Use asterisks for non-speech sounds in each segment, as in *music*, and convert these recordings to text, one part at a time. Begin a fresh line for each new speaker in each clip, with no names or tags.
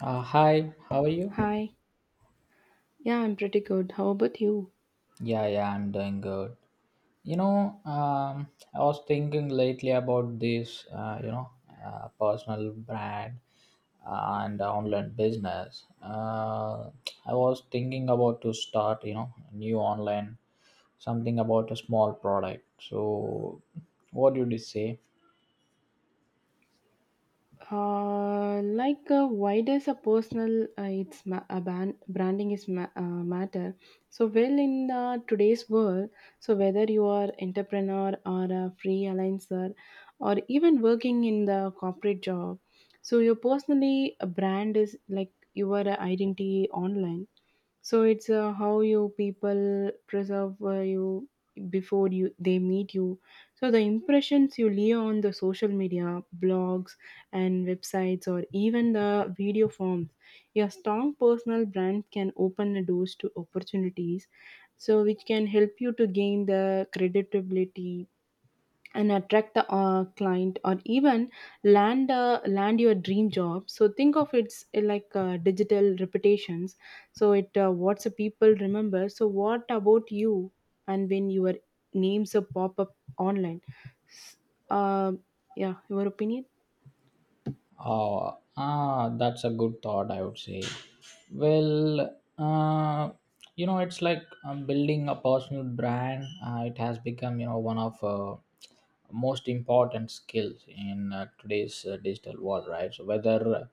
Hi, how are you?
Hi. Yeah, I'm pretty good. How about you?
Yeah, yeah, I'm doing good. I was thinking lately about this, personal brand and online business. I was thinking about to start, new online something about a small product. So, what do you say?
Like, why does a personal it's ma- a ban- branding is ma- matter? So, well, in today's world, so whether you are entrepreneur or a freelancer, or even working in the corporate job, so your personally a brand is like your identity online. So it's how you people preserve you before you they meet you. So the impressions you leave on the social media, blogs and websites, or even the video forms, your strong personal brand can open the doors to opportunities. So which can help you to gain the credibility and attract the client or even land your dream job. So think of it's like digital reputations. So it what's the people remember, so what about you, and when your names pop up online. uh, yeah, your opinion.
Oh, ah, that's a good thought, I would say. Well, uh, it's like building a personal brand. It has become, one of most important skills in today's digital world, right? So whether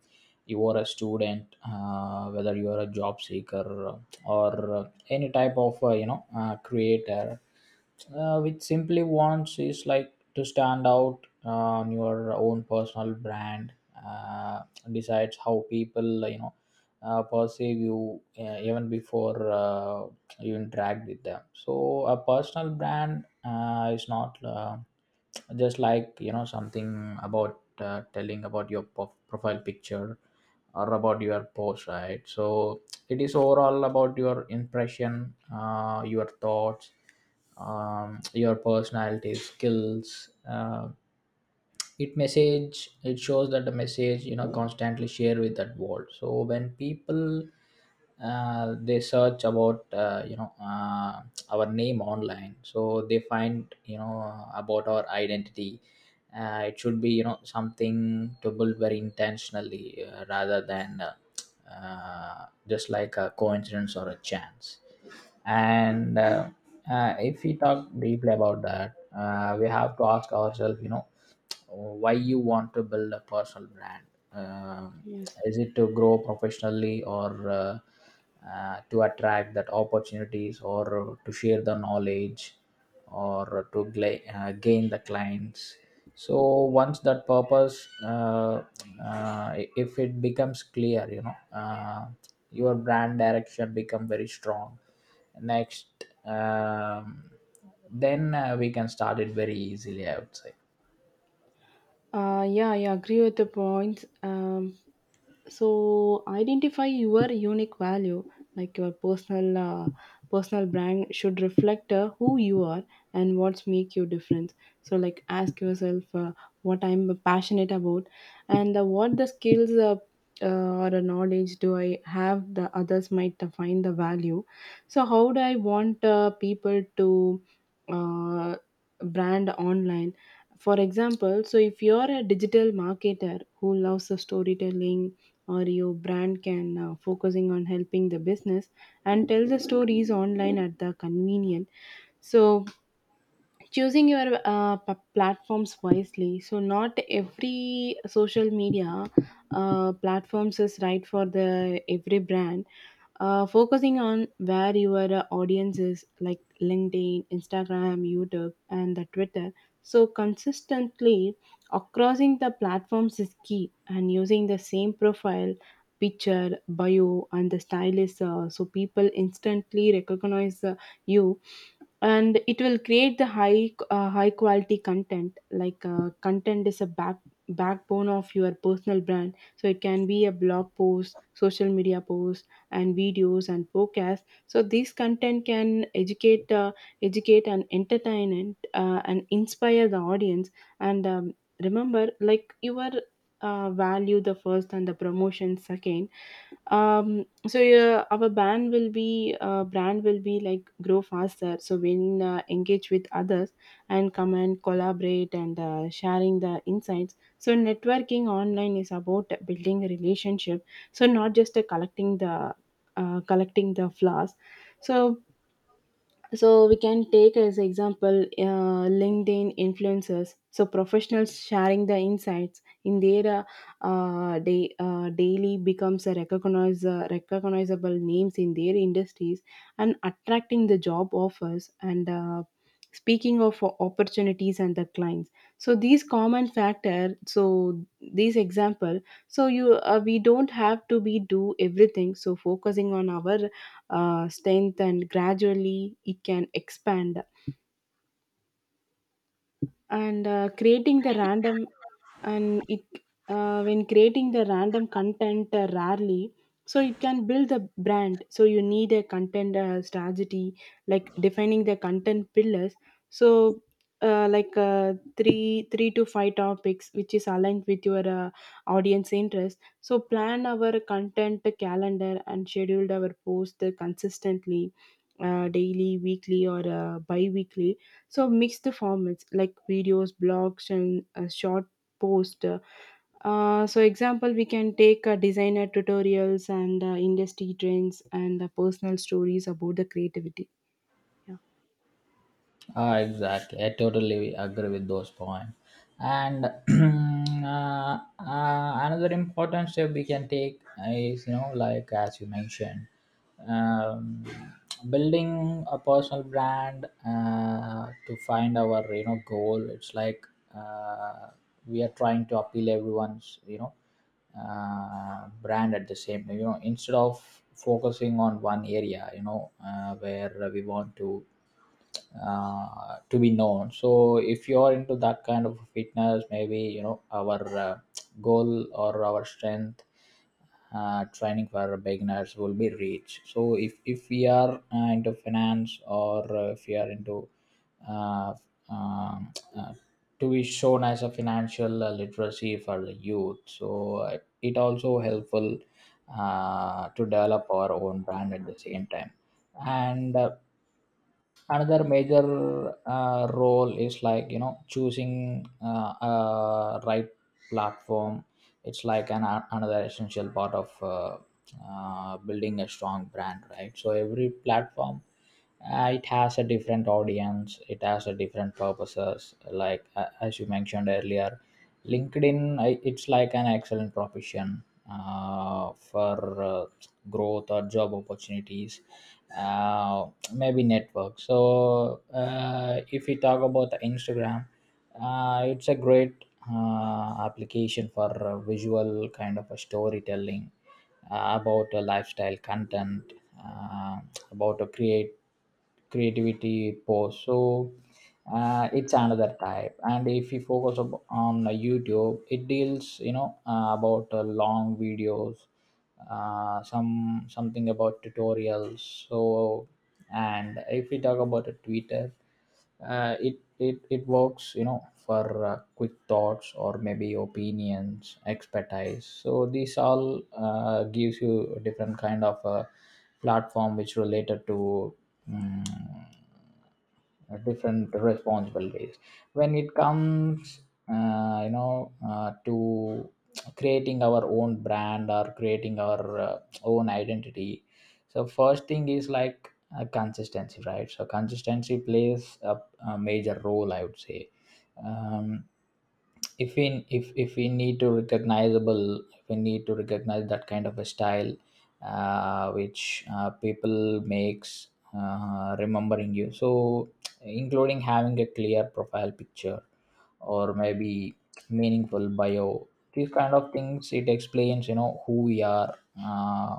you are a student, whether you are a job seeker, or any type of, creator, which simply wants is like to stand out uh, on your own personal brand uh, decides how people perceive you even before you interact with them. So a personal brand is not just something about telling about your profile picture or about your post, right? So it is overall about your impression, your thoughts, your personality skills. Uh, it message it shows that the message constantly share with that world. So when people they search about our name online, so they find about our identity. It should be something to build very intentionally, rather than just a coincidence or a chance. And if we talk deeply about that, we have to ask ourselves, why you want to build a personal brand. Um
Yes.
is it to grow professionally, or to attract that opportunities, or to share the knowledge, or to gain the clients? So once that purpose, if it becomes clear, your brand direction become very strong. Next, um, then we can start it very easily, I would say.
Yeah, I agree with the points. So identify your unique value, like your personal brand should reflect who you are and what's make you different. So like ask yourself, what I'm passionate about, and what the skills, or the knowledge do I have the others might find the value. So how do I want people to uh, brand online? For example, so if you're a digital marketer who loves the storytelling, or your brand can focusing on helping the business and tell the stories online at the convenient. So choosing your platforms wisely, so not every social media platforms is right for the every brand. Focusing on where your audience is like LinkedIn, Instagram, YouTube and the Twitter. So consistently crossing the platforms is key, and using the same profile picture, bio and the style is so people instantly recognize you. And it will create the high quality content. Like content is a backbone of your personal brand. So it can be a blog post, social media post and videos and podcasts. So this content can educate and entertain and inspire the audience. And remember, like your value the first and the promotion second. So yeah, our band will be brand will be like grow faster so when engage with others and come and collaborate and sharing the insights. So networking online is about building a relationship, so not just collecting the flowers. So so we can take as example LinkedIn influencers. So professionals sharing the insights in their daily becomes a recognizable names in their industries and attracting the job offers and speaking of opportunities and the clients. So these common factor, so these example. So you we don't have to be do everything. So focusing on our strength and gradually it can expand. And creating the random and it when creating the random content rarely, so it can build the brand. So you need a content strategy, like defining the content pillars. So like three to five topics which is aligned with your audience interest. So plan our content calendar and schedule our post consistently, daily, weekly or bi-weekly. So mix the formats like videos, blogs, and short post. So example, we can take designer tutorials and industry trends and personal stories about the creativity. Yeah.
Ah, exactly. I totally agree with those points. And *clears throat* another important step we can take is, like as you mentioned, um, building a personal brand to find our, goal. It's like uh, we are trying to appeal everyone's, brand at the same time. You know, instead of focusing on one area, where we want to be known. So if you're into that kind of fitness, maybe our goal or our strength training for beginners will be reached. So if we are into finance, or if we are into uh, um, uh, to be shown as a financial literacy for the youth, so it also helpful to develop our own brand at the same time. And another major role is like choosing a right platform. It's like an another essential part of building a strong brand, right? So every platform, it has a different audience, it has a different purposes. Like as you mentioned earlier, LinkedIn, it's like an excellent profession for growth or job opportunities, uh, maybe network. So, if we talk about the Instagram, it's a great application for visual kind of a storytelling about a lifestyle content, uh, about a create creativity post. So it's another type. And if you focus up on YouTube, it deals about long videos, something about tutorials. So and if we talk about a Twitter, it works for quick thoughts or maybe opinions expertise. So these all gives you a different kind of a platform which related to mm different responsible ways. When it comes to creating our own brand or creating our uh, own identity, so first thing is like consistency, right? So consistency plays a major role, I would say. Um, if we if we need to recognizable, if we need to recognize that kind of a style which people makes remembering you, so including having a clear profile picture or maybe meaningful bio. These kind of things, it explains who we are. uh,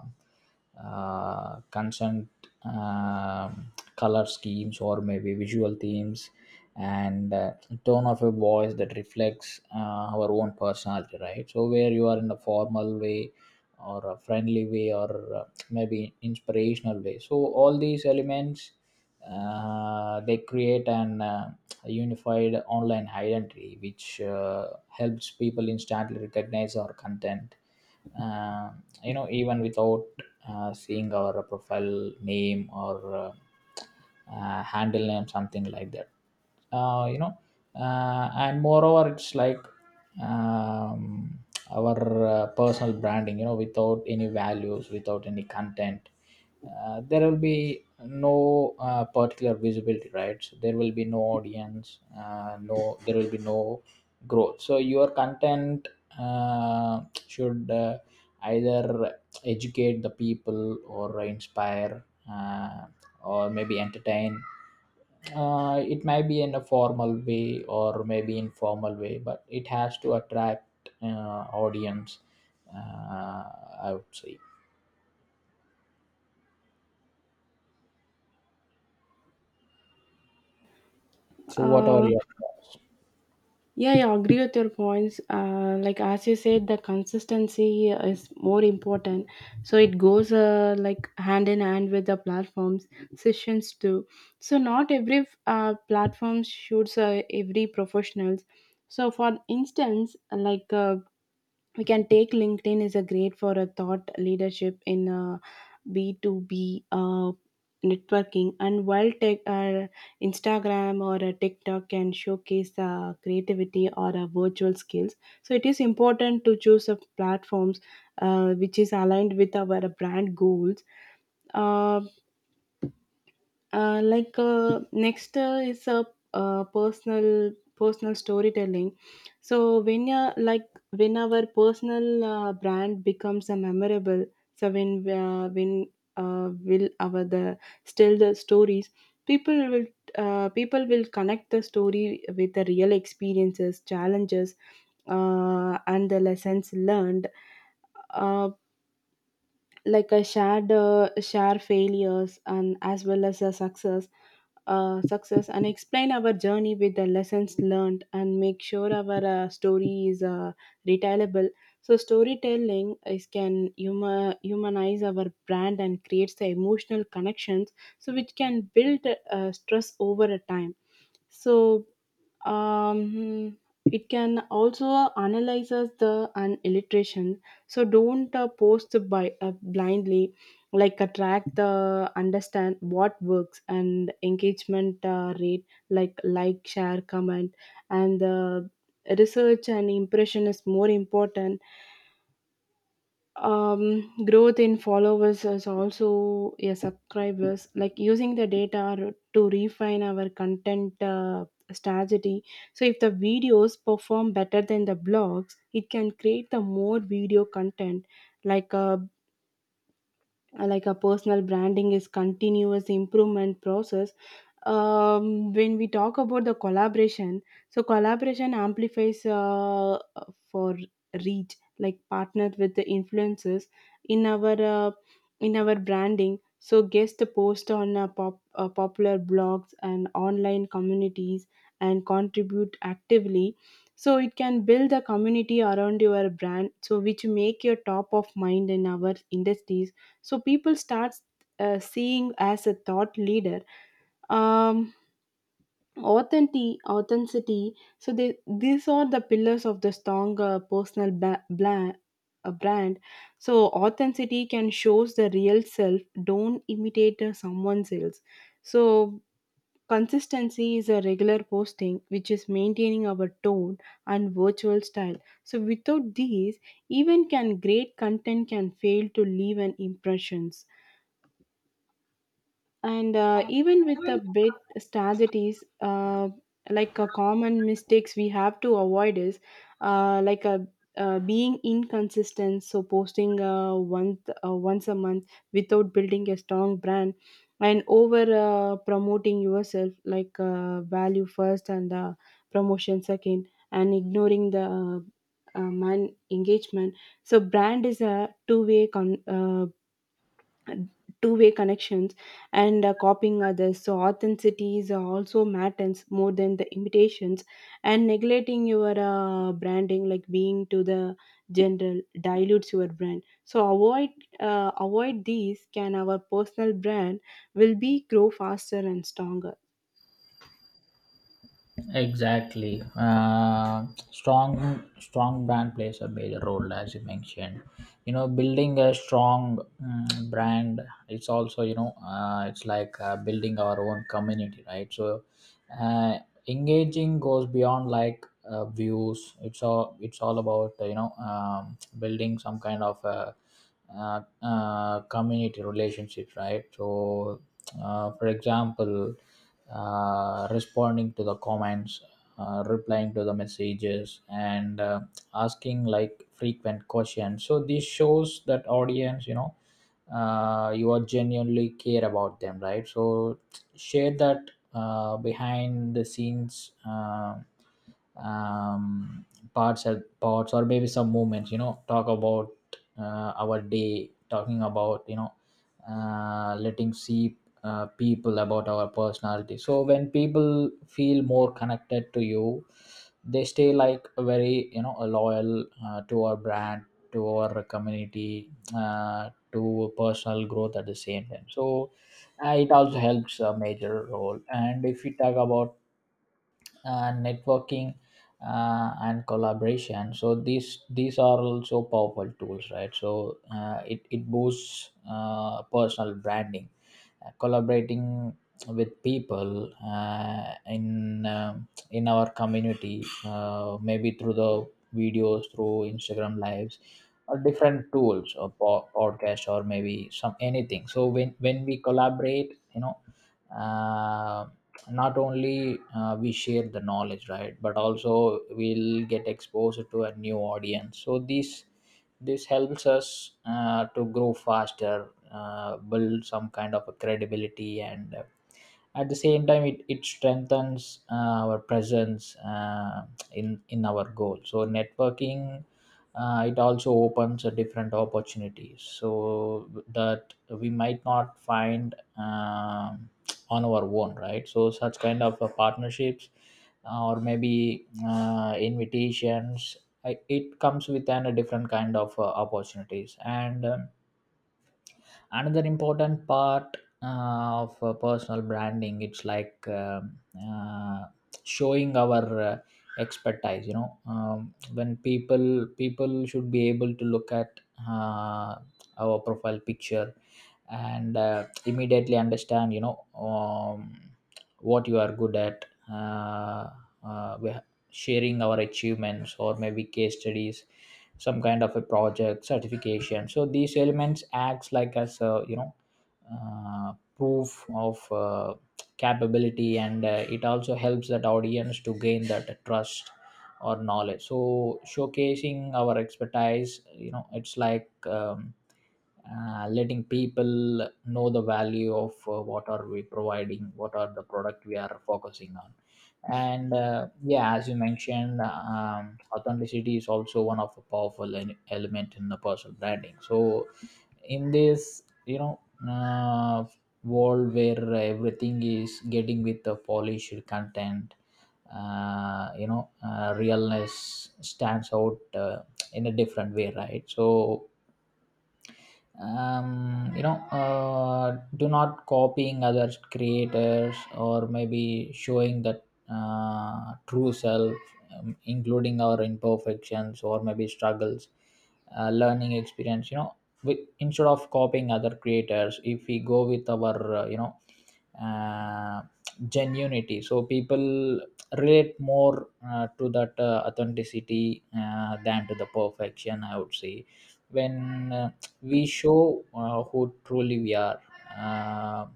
Consent, um, color schemes or maybe visual themes, and tone of a voice that reflects our own personality, right? So where you are in a formal way or a friendly way or maybe inspirational way. So all these elements, they create an unified online identity which helps people instantly recognize our content, uh, even without seeing our profile name or uh, handle name, something like that. uh, you know and moreover, it's like um, our personal branding, without any values, without any content, there will be no particular visibility, right? So there will be no audience, no, there will be no growth. So your content uh, should either educate the people or inspire, uh, or maybe entertain. It might be in a formal way or maybe informal way, but it has to attract audience, uh, I would say. So what are
Uh,
your thoughts?
Yeah, yeah, I agree with your points. Like as you said, the consistency is more important. So it goes like hand in hand with the platforms sessions too. So not every platform shoots every professionals. So for instance, like we can take LinkedIn is a great for a thought leadership in a B 2 b networking. And while tech Instagram or a TikTok can showcase creativity or virtual skills. So it is important to choose a platforms which is aligned with our brand goals. Uh like next is a personal storytelling. So when you like when our personal brand becomes a memorable. So when will our the still the stories, people will people will connect the story with the real experiences, challenges, and the lessons learned. Uh, like a share failures and as well as a success, and explain our journey with the lessons learned, and make sure our story is retellable. So storytelling is can humanize our brand and creates the emotional connections, so which can build stress over a time. So um, it can also analyzes the an illustration. So don't post by blindly, like attract the understand what works and engagement rate, like, share, comment, and the research and impression is more important. Growth in followers is also yeah, subscribers, like using the data to refine our content strategy. So if the videos perform better than the blogs, it can create the more video content. Like like a personal branding is continuous improvement process. When we talk about the collaboration, so collaboration amplifies for reach, like partnered with the influencers in our uh, in our branding. So guest post on popular blogs and online communities, and contribute actively. So it can build a community around your brand, so which make your top of mind in our industries. So people start seeing as a thought leader. um Authenticity, so they these are the pillars of the strong brand. So authenticity can shows the real self, don't imitate someone else. So consistency is a regular posting which is maintaining our tone and virtual style. So without these, even can great content can fail to leave an impression. And even with a bit strategies, like common mistakes we have to avoid is like a being inconsistent, so posting once a month without building a strong brand. And over promoting yourself, like value first and promotion second, and ignoring the man engagement. So brand is a two-way connections. And copying others, so authenticities also matters more than the imitations. And neglecting your branding, like being to the general dilutes your brand. So avoid these can our personal brand will be grow faster and stronger.
Exactly. Strong, strong brand plays a major role, as you mentioned. You know, building a strong brand, it's also, it's like building our own community, right? So, uh, engaging goes beyond like views. It's all about building some kind of community relationships, right? So for example, responding to the comments, replying to the messages, and asking like frequent questions. So this shows that audience, you are genuinely care about them, right? So share that behind the scenes, um, parts or maybe some moments, talk about our day, talking about letting see people about our personality. So when people feel more connected to you, they stay like very loyal to our brand, to our community, to personal growth at the same time. So it also helps a major role. And if we talk about networking and collaboration, so these are also powerful tools, right? So it, it boosts personal branding. Collaborating with people in in our community, maybe through the videos, through Instagram lives or different tools or podcast or maybe some anything. So when we collaborate, um, not only we share the knowledge, right, but also we'll get exposed to a new audience. So this helps us to grow faster, build some kind of a credibility, and at the same time it, it strengthens our presence in our goal. So networking, it also opens a different opportunities so that we might not find on our own, right? So such kind of partnerships or maybe invitations, it comes with a different kind of opportunities. And another important part of personal branding, it's like showing our expertise, when people should be able to look at uh, our profile picture and immediately understand, what you are good at. uh, uh, Sharing our achievements or maybe case studies, some kind of a project certification. So these elements acts like as a, proof of capability, and it also helps that audience to gain that trust or knowledge. So showcasing our expertise, it's like letting people know the value of what are we providing, what are the product we are focusing on. And yeah, as you mentioned, authenticity is also one of the powerful element in the personal branding. So in this, uh, world where everything is getting with the polished content, realness stands out in a different way, right? So do not copying other creators, or maybe showing that true self, including our imperfections or maybe struggles, learning experience, with, instead of copying other creators, if we go with our uh, genuinity, so people relate more to that authenticity than to the perfection, I would say. When we show who truly we are. Uh,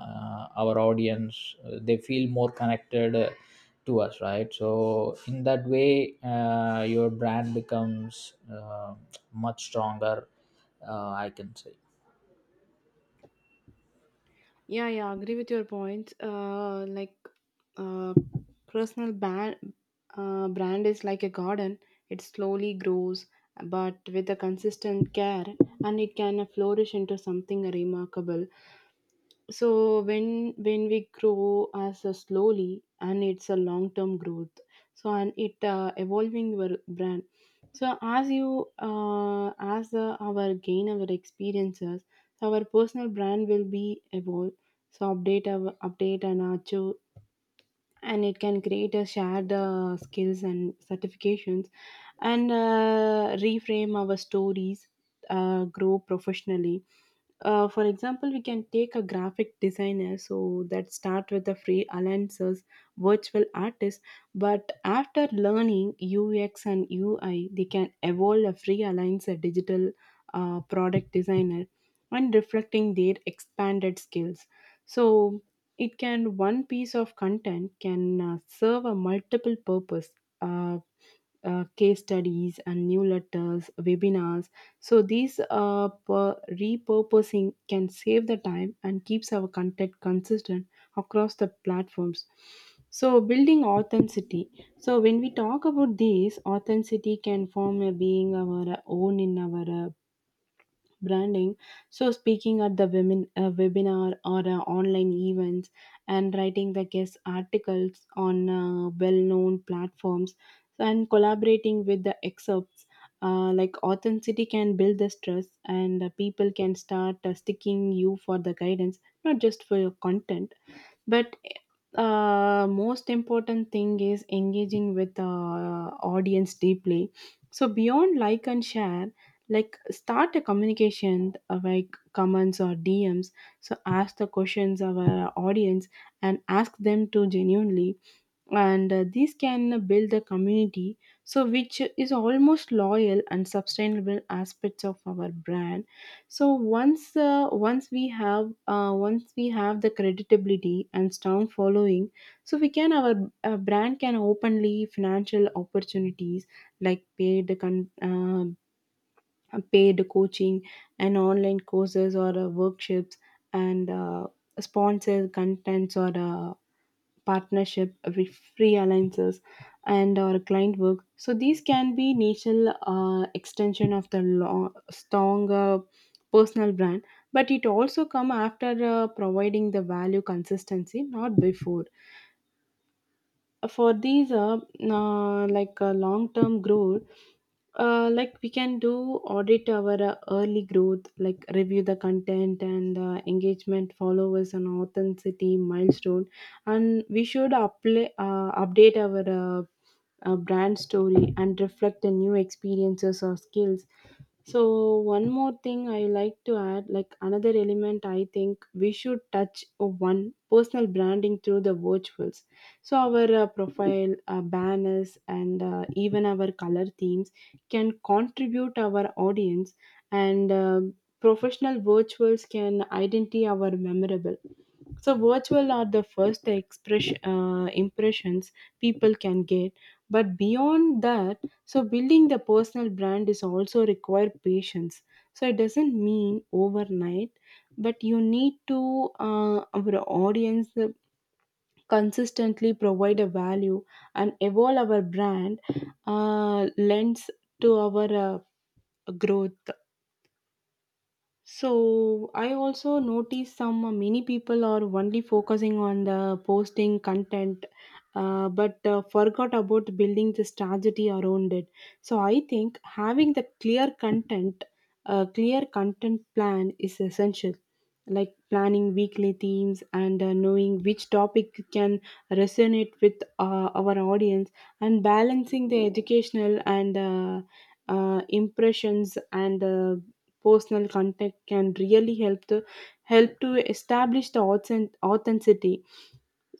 our audience, they feel more connected to us, right? So in that way, your brand becomes much stronger. I can say.
Yeah, yeah, agree with your points. Like, uh, personal brand, brand is like a garden. It slowly grows, but with a consistent care, and it can flourish into something remarkable. So when we grow as a slowly and it's a long term growth. So and it evolving your brand. So as you as our gain our experiences, our personal brand will be evolve. So update our update and achieve, and it can create a shared skills and certifications, and reframe our stories, grow professionally. For example, we can take a graphic designer so that start with the free alliances, virtual artist, but after learning UX and UI, they can evolve a free alliance a digital product designer and reflecting their expanded skills. So it can one piece of content can serve a multiple purpose. Uh, Case studies and new letters, webinars. So these repurposing can save the time and keeps our content consistent across the platforms. So building authenticity. So when we talk about this, authenticity can form a being our own in our branding. So speaking at the women webinar or online events, and writing the guest articles on well-known platforms, and collaborating with the excerpts. Like authenticity can build the stress, and people can start sticking you for the guidance, not just for your content. But most important thing is engaging with the audience deeply. So beyond like and share, like start a communication, like comments or DMs. So ask the questions of our audience and ask them to genuinely, and these can build a community, so which is almost loyal and sustainable aspects of our brand. So once once we have the credibility and strong following, so we can our brand can openly financial opportunities, like paid coaching and online courses or workshops, and sponsor contents or partnership, re- free alliances, and our client work. So these can be natural extension of the long, strong personal brand, but it also come after providing the value consistency, not before for these long term growth, like we can do audit our early growth, like review the content and engagement followers and authenticity milestone, and we should apply, update our brand story and reflect the new experiences or skills. So one more thing I like to add, like another element I think we should touch one personal branding through the virtuals. So our profile, banners, and even our color themes can contribute our audience, and professional virtuals can identify our memorable. So virtual are the first expression impressions people can get, but beyond that, so building the personal brand is also require patience. So it doesn't mean overnight, but you need to our audience consistently provide a value and evolve our brand lends to our growth. So I also notice some many people are only focusing on the posting content, but forgot about building the strategy around it. So I think having the clear content plan is essential. Like planning weekly themes and knowing which topic can resonate with our audience, and balancing the educational and impressions and personal contact can really help to help to establish the authenticity.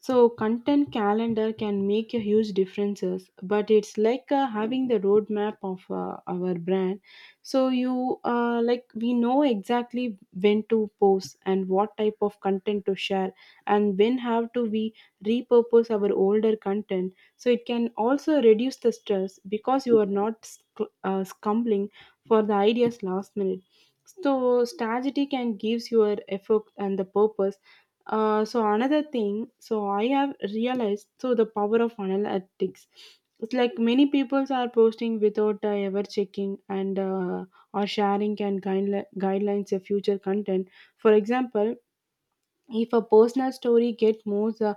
So content calendar can make a huge differences, but it's like having the roadmap of our brand. So you like we know exactly when to post and what type of content to share, and when have to we repurpose our older content. So it can also reduce the stress because you are not scumbling for the ideas last minute. So strategy can gives your effort and the purpose. So another thing, so I have realized so the power of analytics. It's like many people are posting without ever checking and or sharing and guidelines of future content. For example, if a personal story get more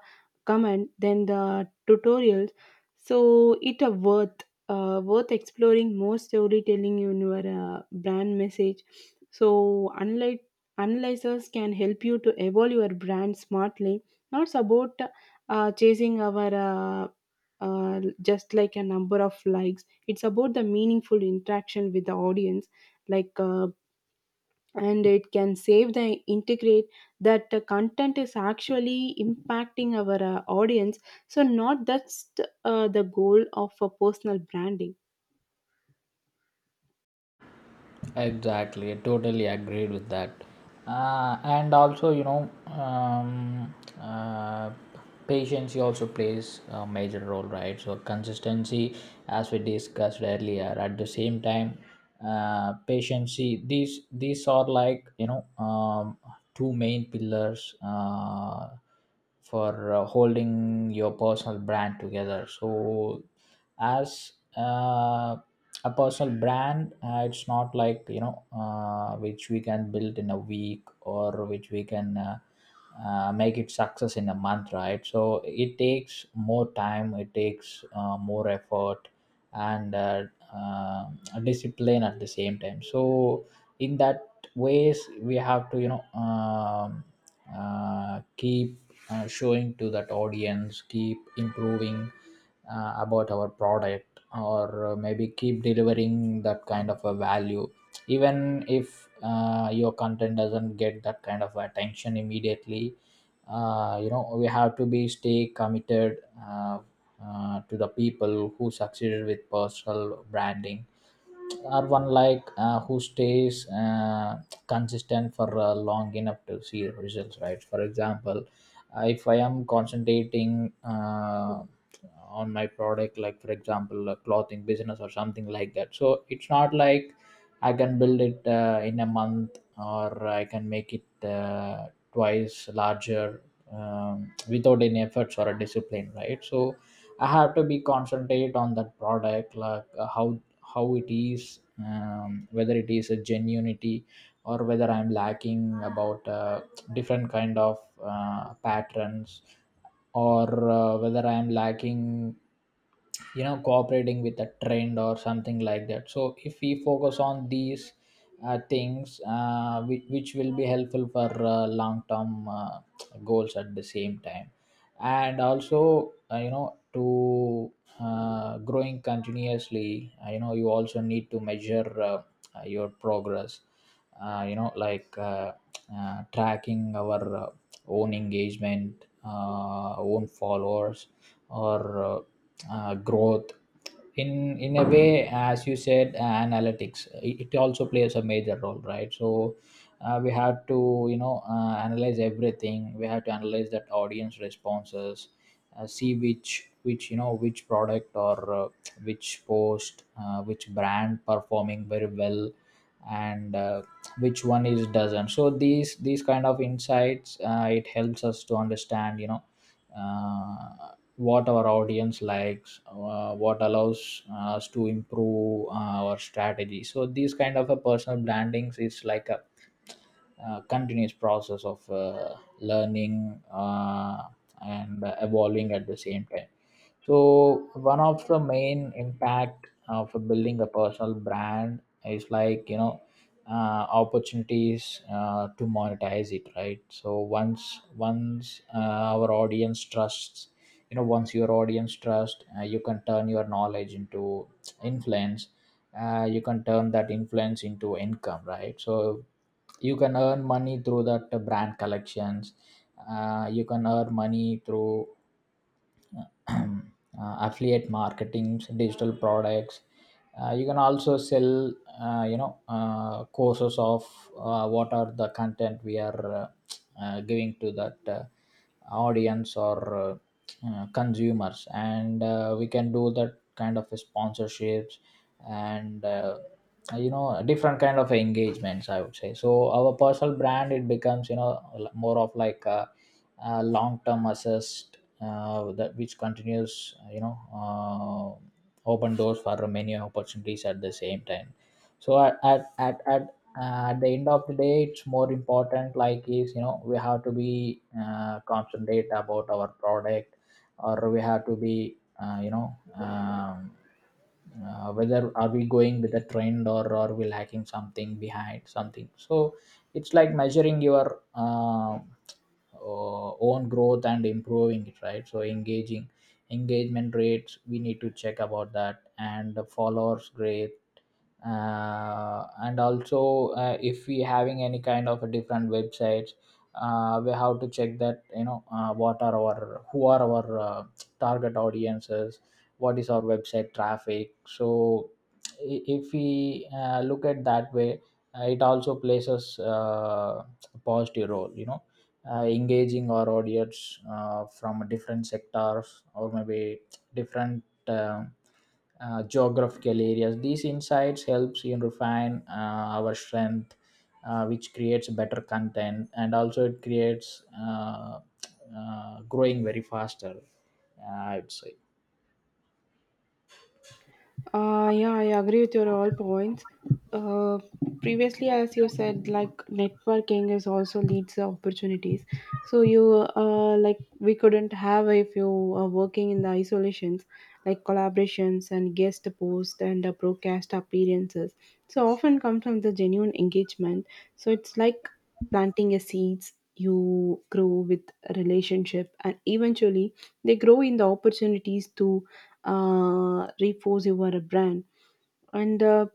comment than the tutorials, so it a worth exploring more storytelling in your brand message. So unlike analyzers can help you to evolve your brand smartly, not about chasing our just like a number of likes. It's about the meaningful interaction with the audience. like uh, and it can save the integrate that the content is actually impacting our audience. So not that's the goal of a personal branding.
Exactly, I totally agreed with that. And also, uh, patience also plays a major role, right? So, consistency, as we discussed earlier, at the same time, patience. These are like two main pillars. For holding your personal brand together. So as a personal brand, it's not like which we can build in a week, or which we can make it success in a month, right? So it takes more time, it takes more effort and uh, discipline at the same time. So in that ways we have to keep showing to that audience, keep improving about our product, or maybe keep delivering that kind of a value, even if your content doesn't get that kind of attention immediately. We have to be stay committed, to the people who succeeded with personal branding, or one like who stays consistent for long enough to see results, right? For example, if I am concentrating on my product, like for example a clothing business or something like that. So it's not like I can build it in a month, or I can make it twice larger without any efforts or a discipline, right? So I have to be concentrate on that product, like how it is, whether it is a genuinity, or whether I'm lacking about different kind of patterns, or whether I'm lacking, you know, cooperating with a trend or something like that. So if we focus on these things which will be helpful for long term goals at the same time, and also to growing continuously. You also need to measure your progress, uh, you know like uh, tracking our own engagement, own followers or growth. In a way, as you said, analytics, it also plays a major role, right? So we have to, you know, analyze everything. We have to analyze that audience responses, see which you know which product or which post, which brand performing very well and which one is doesn't. So these kind of insights, it helps us to understand, you know, uh, what our audience likes, what allows us to improve our strategy. So these kind of a personal brandings is like a continuous process of learning and evolving at the same time. So one of the main impact of building a personal brand is like, you know, opportunities to monetize it, right? So once our audience trusts, you know, once your audience trust, you can turn your knowledge into influence. You can turn that influence into income, right? So you can earn money through that brand collections. You can earn money through *clears throat* affiliate marketing, digital products. You can also sell courses of what are the content we are giving to that audience or consumers, and we can do that kind of sponsorships and different kind of engagements, I would say. So our personal brand, it becomes, you know, l- more of like a long-term assist, that which continues, you know, open doors for many opportunities at the same time. So at the end of the day it's more important, like is, you know, we have to be concentrate about our product, or we have to be whether are we going with a trend, or are we lacking something behind something. So it's like measuring your own growth and improving it, right? So engaging engagement rates we need to check about that, and the followers rate, and also if we having any kind of a different websites, we have to check that, you know, what are our who are our target audiences, what is our website traffic. So if we look at that way, it also plays us a positive role, you know, engaging our audience from different sectors, or maybe different geographical areas. These insights helps in refine our strength, which creates better content, and also it creates growing very faster, I would say.
Yeah, I agree with your all points. Uh, previously, as you said, like networking is also leads the opportunities. So you like we couldn't have if you are working in the isolations, like collaborations and guest post and broadcast appearances. So often come from the genuine engagement. So it's like planting a seeds. You grow with a relationship, and eventually they grow in the opportunities to reinforce your brand, and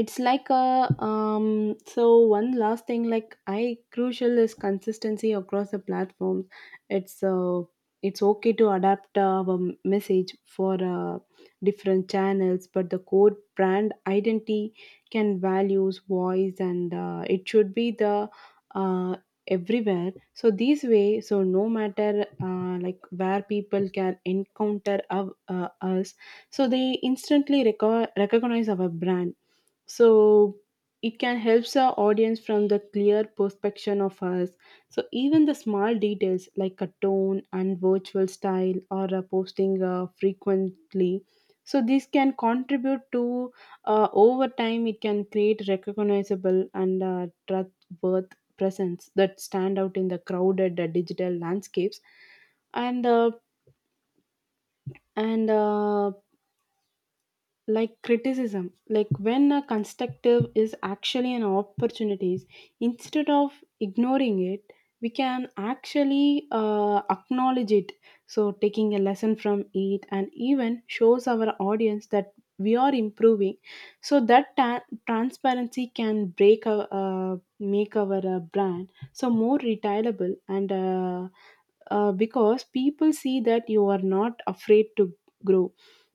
it's like a so one last thing, like I crucial is consistency across the platforms. It's uh it's okay to adapt our message for different channels, but the core brand identity can values voice and it should be the uh, everywhere. So this way, so no matter like where people can encounter us, so they instantly recognize our brand. So it can help the audience from the clear perspective of us. So even the small details like a tone and virtual style or a posting frequently, so this can contribute to over time it can create recognizable and trustworth presence that stand out in the crowded digital landscapes. And uh, and uh, like criticism, like when a constructive is actually an opportunities. Instead of ignoring it, we can actually acknowledge it, so taking a lesson from it and even shows our audience that we are improving. So that transparency can break our make our brand so more retailable and because people see that you are not afraid to grow.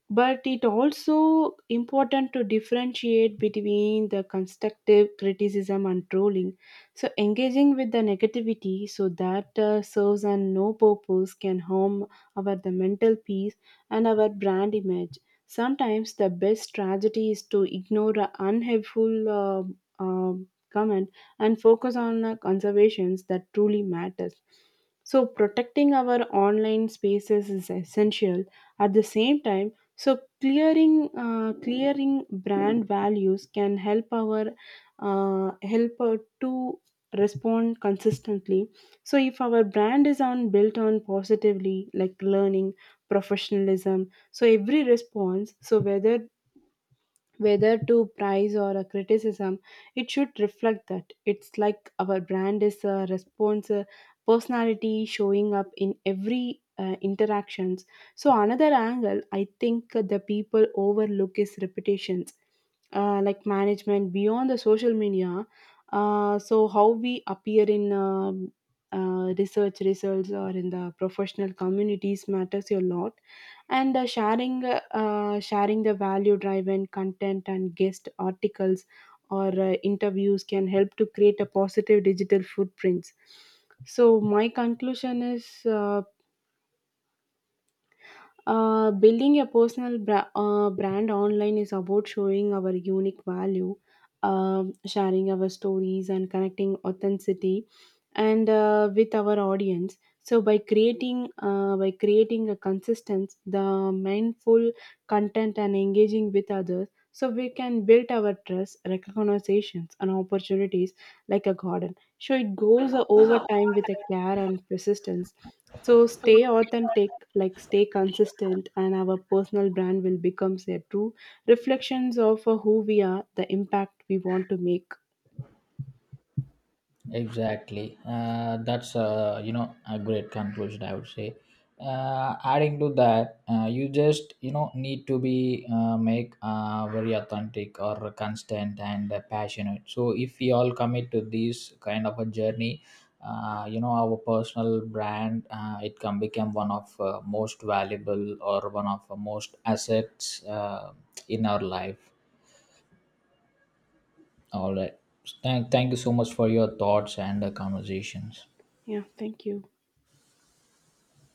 But it also important to differentiate between the constructive criticism and trolling. So engaging with the negativity, so that serves and no purpose can harm our the mental peace and our brand image. Sometimes the best strategy is to ignore a unhelpful comment and focus on conservations that truly matters. So protecting our online spaces is essential at the same time. So clearing brand values can help our help to respond consistently. So if our brand is on built on positively, like learning professionalism, so every response, so whether to praise or a criticism, it should reflect that. It's like our brand is a response, a personality showing up in every interactions. So another angle I think the people overlook is reputations, like management beyond the social media. So how we appear in research results or in the professional communities matters a lot. And sharing the value driven content and guest articles or interviews can help to create a positive digital footprints. So my conclusion is building a personal brand online is about showing our unique value, sharing our stories, and connecting authenticity and with our audience. So by creating a consistent, the mindful content and engaging with others, so we can build our trust, recognitions, and opportunities like a garden. So it grows over time with a care and persistence. So stay authentic, like stay consistent, and our personal brand will become a true reflections of who we are, the impact we want to make.
Exactly. That's a great conclusion, I would say. Adding to that, you just, you know, need to be make very authentic or constant and passionate. So if we all commit to this kind of a journey, our personal brand, it can become one of most valuable, or one of the most assets in our life. All right. Thank you so much for your thoughts and conversations.
Yeah, thank you.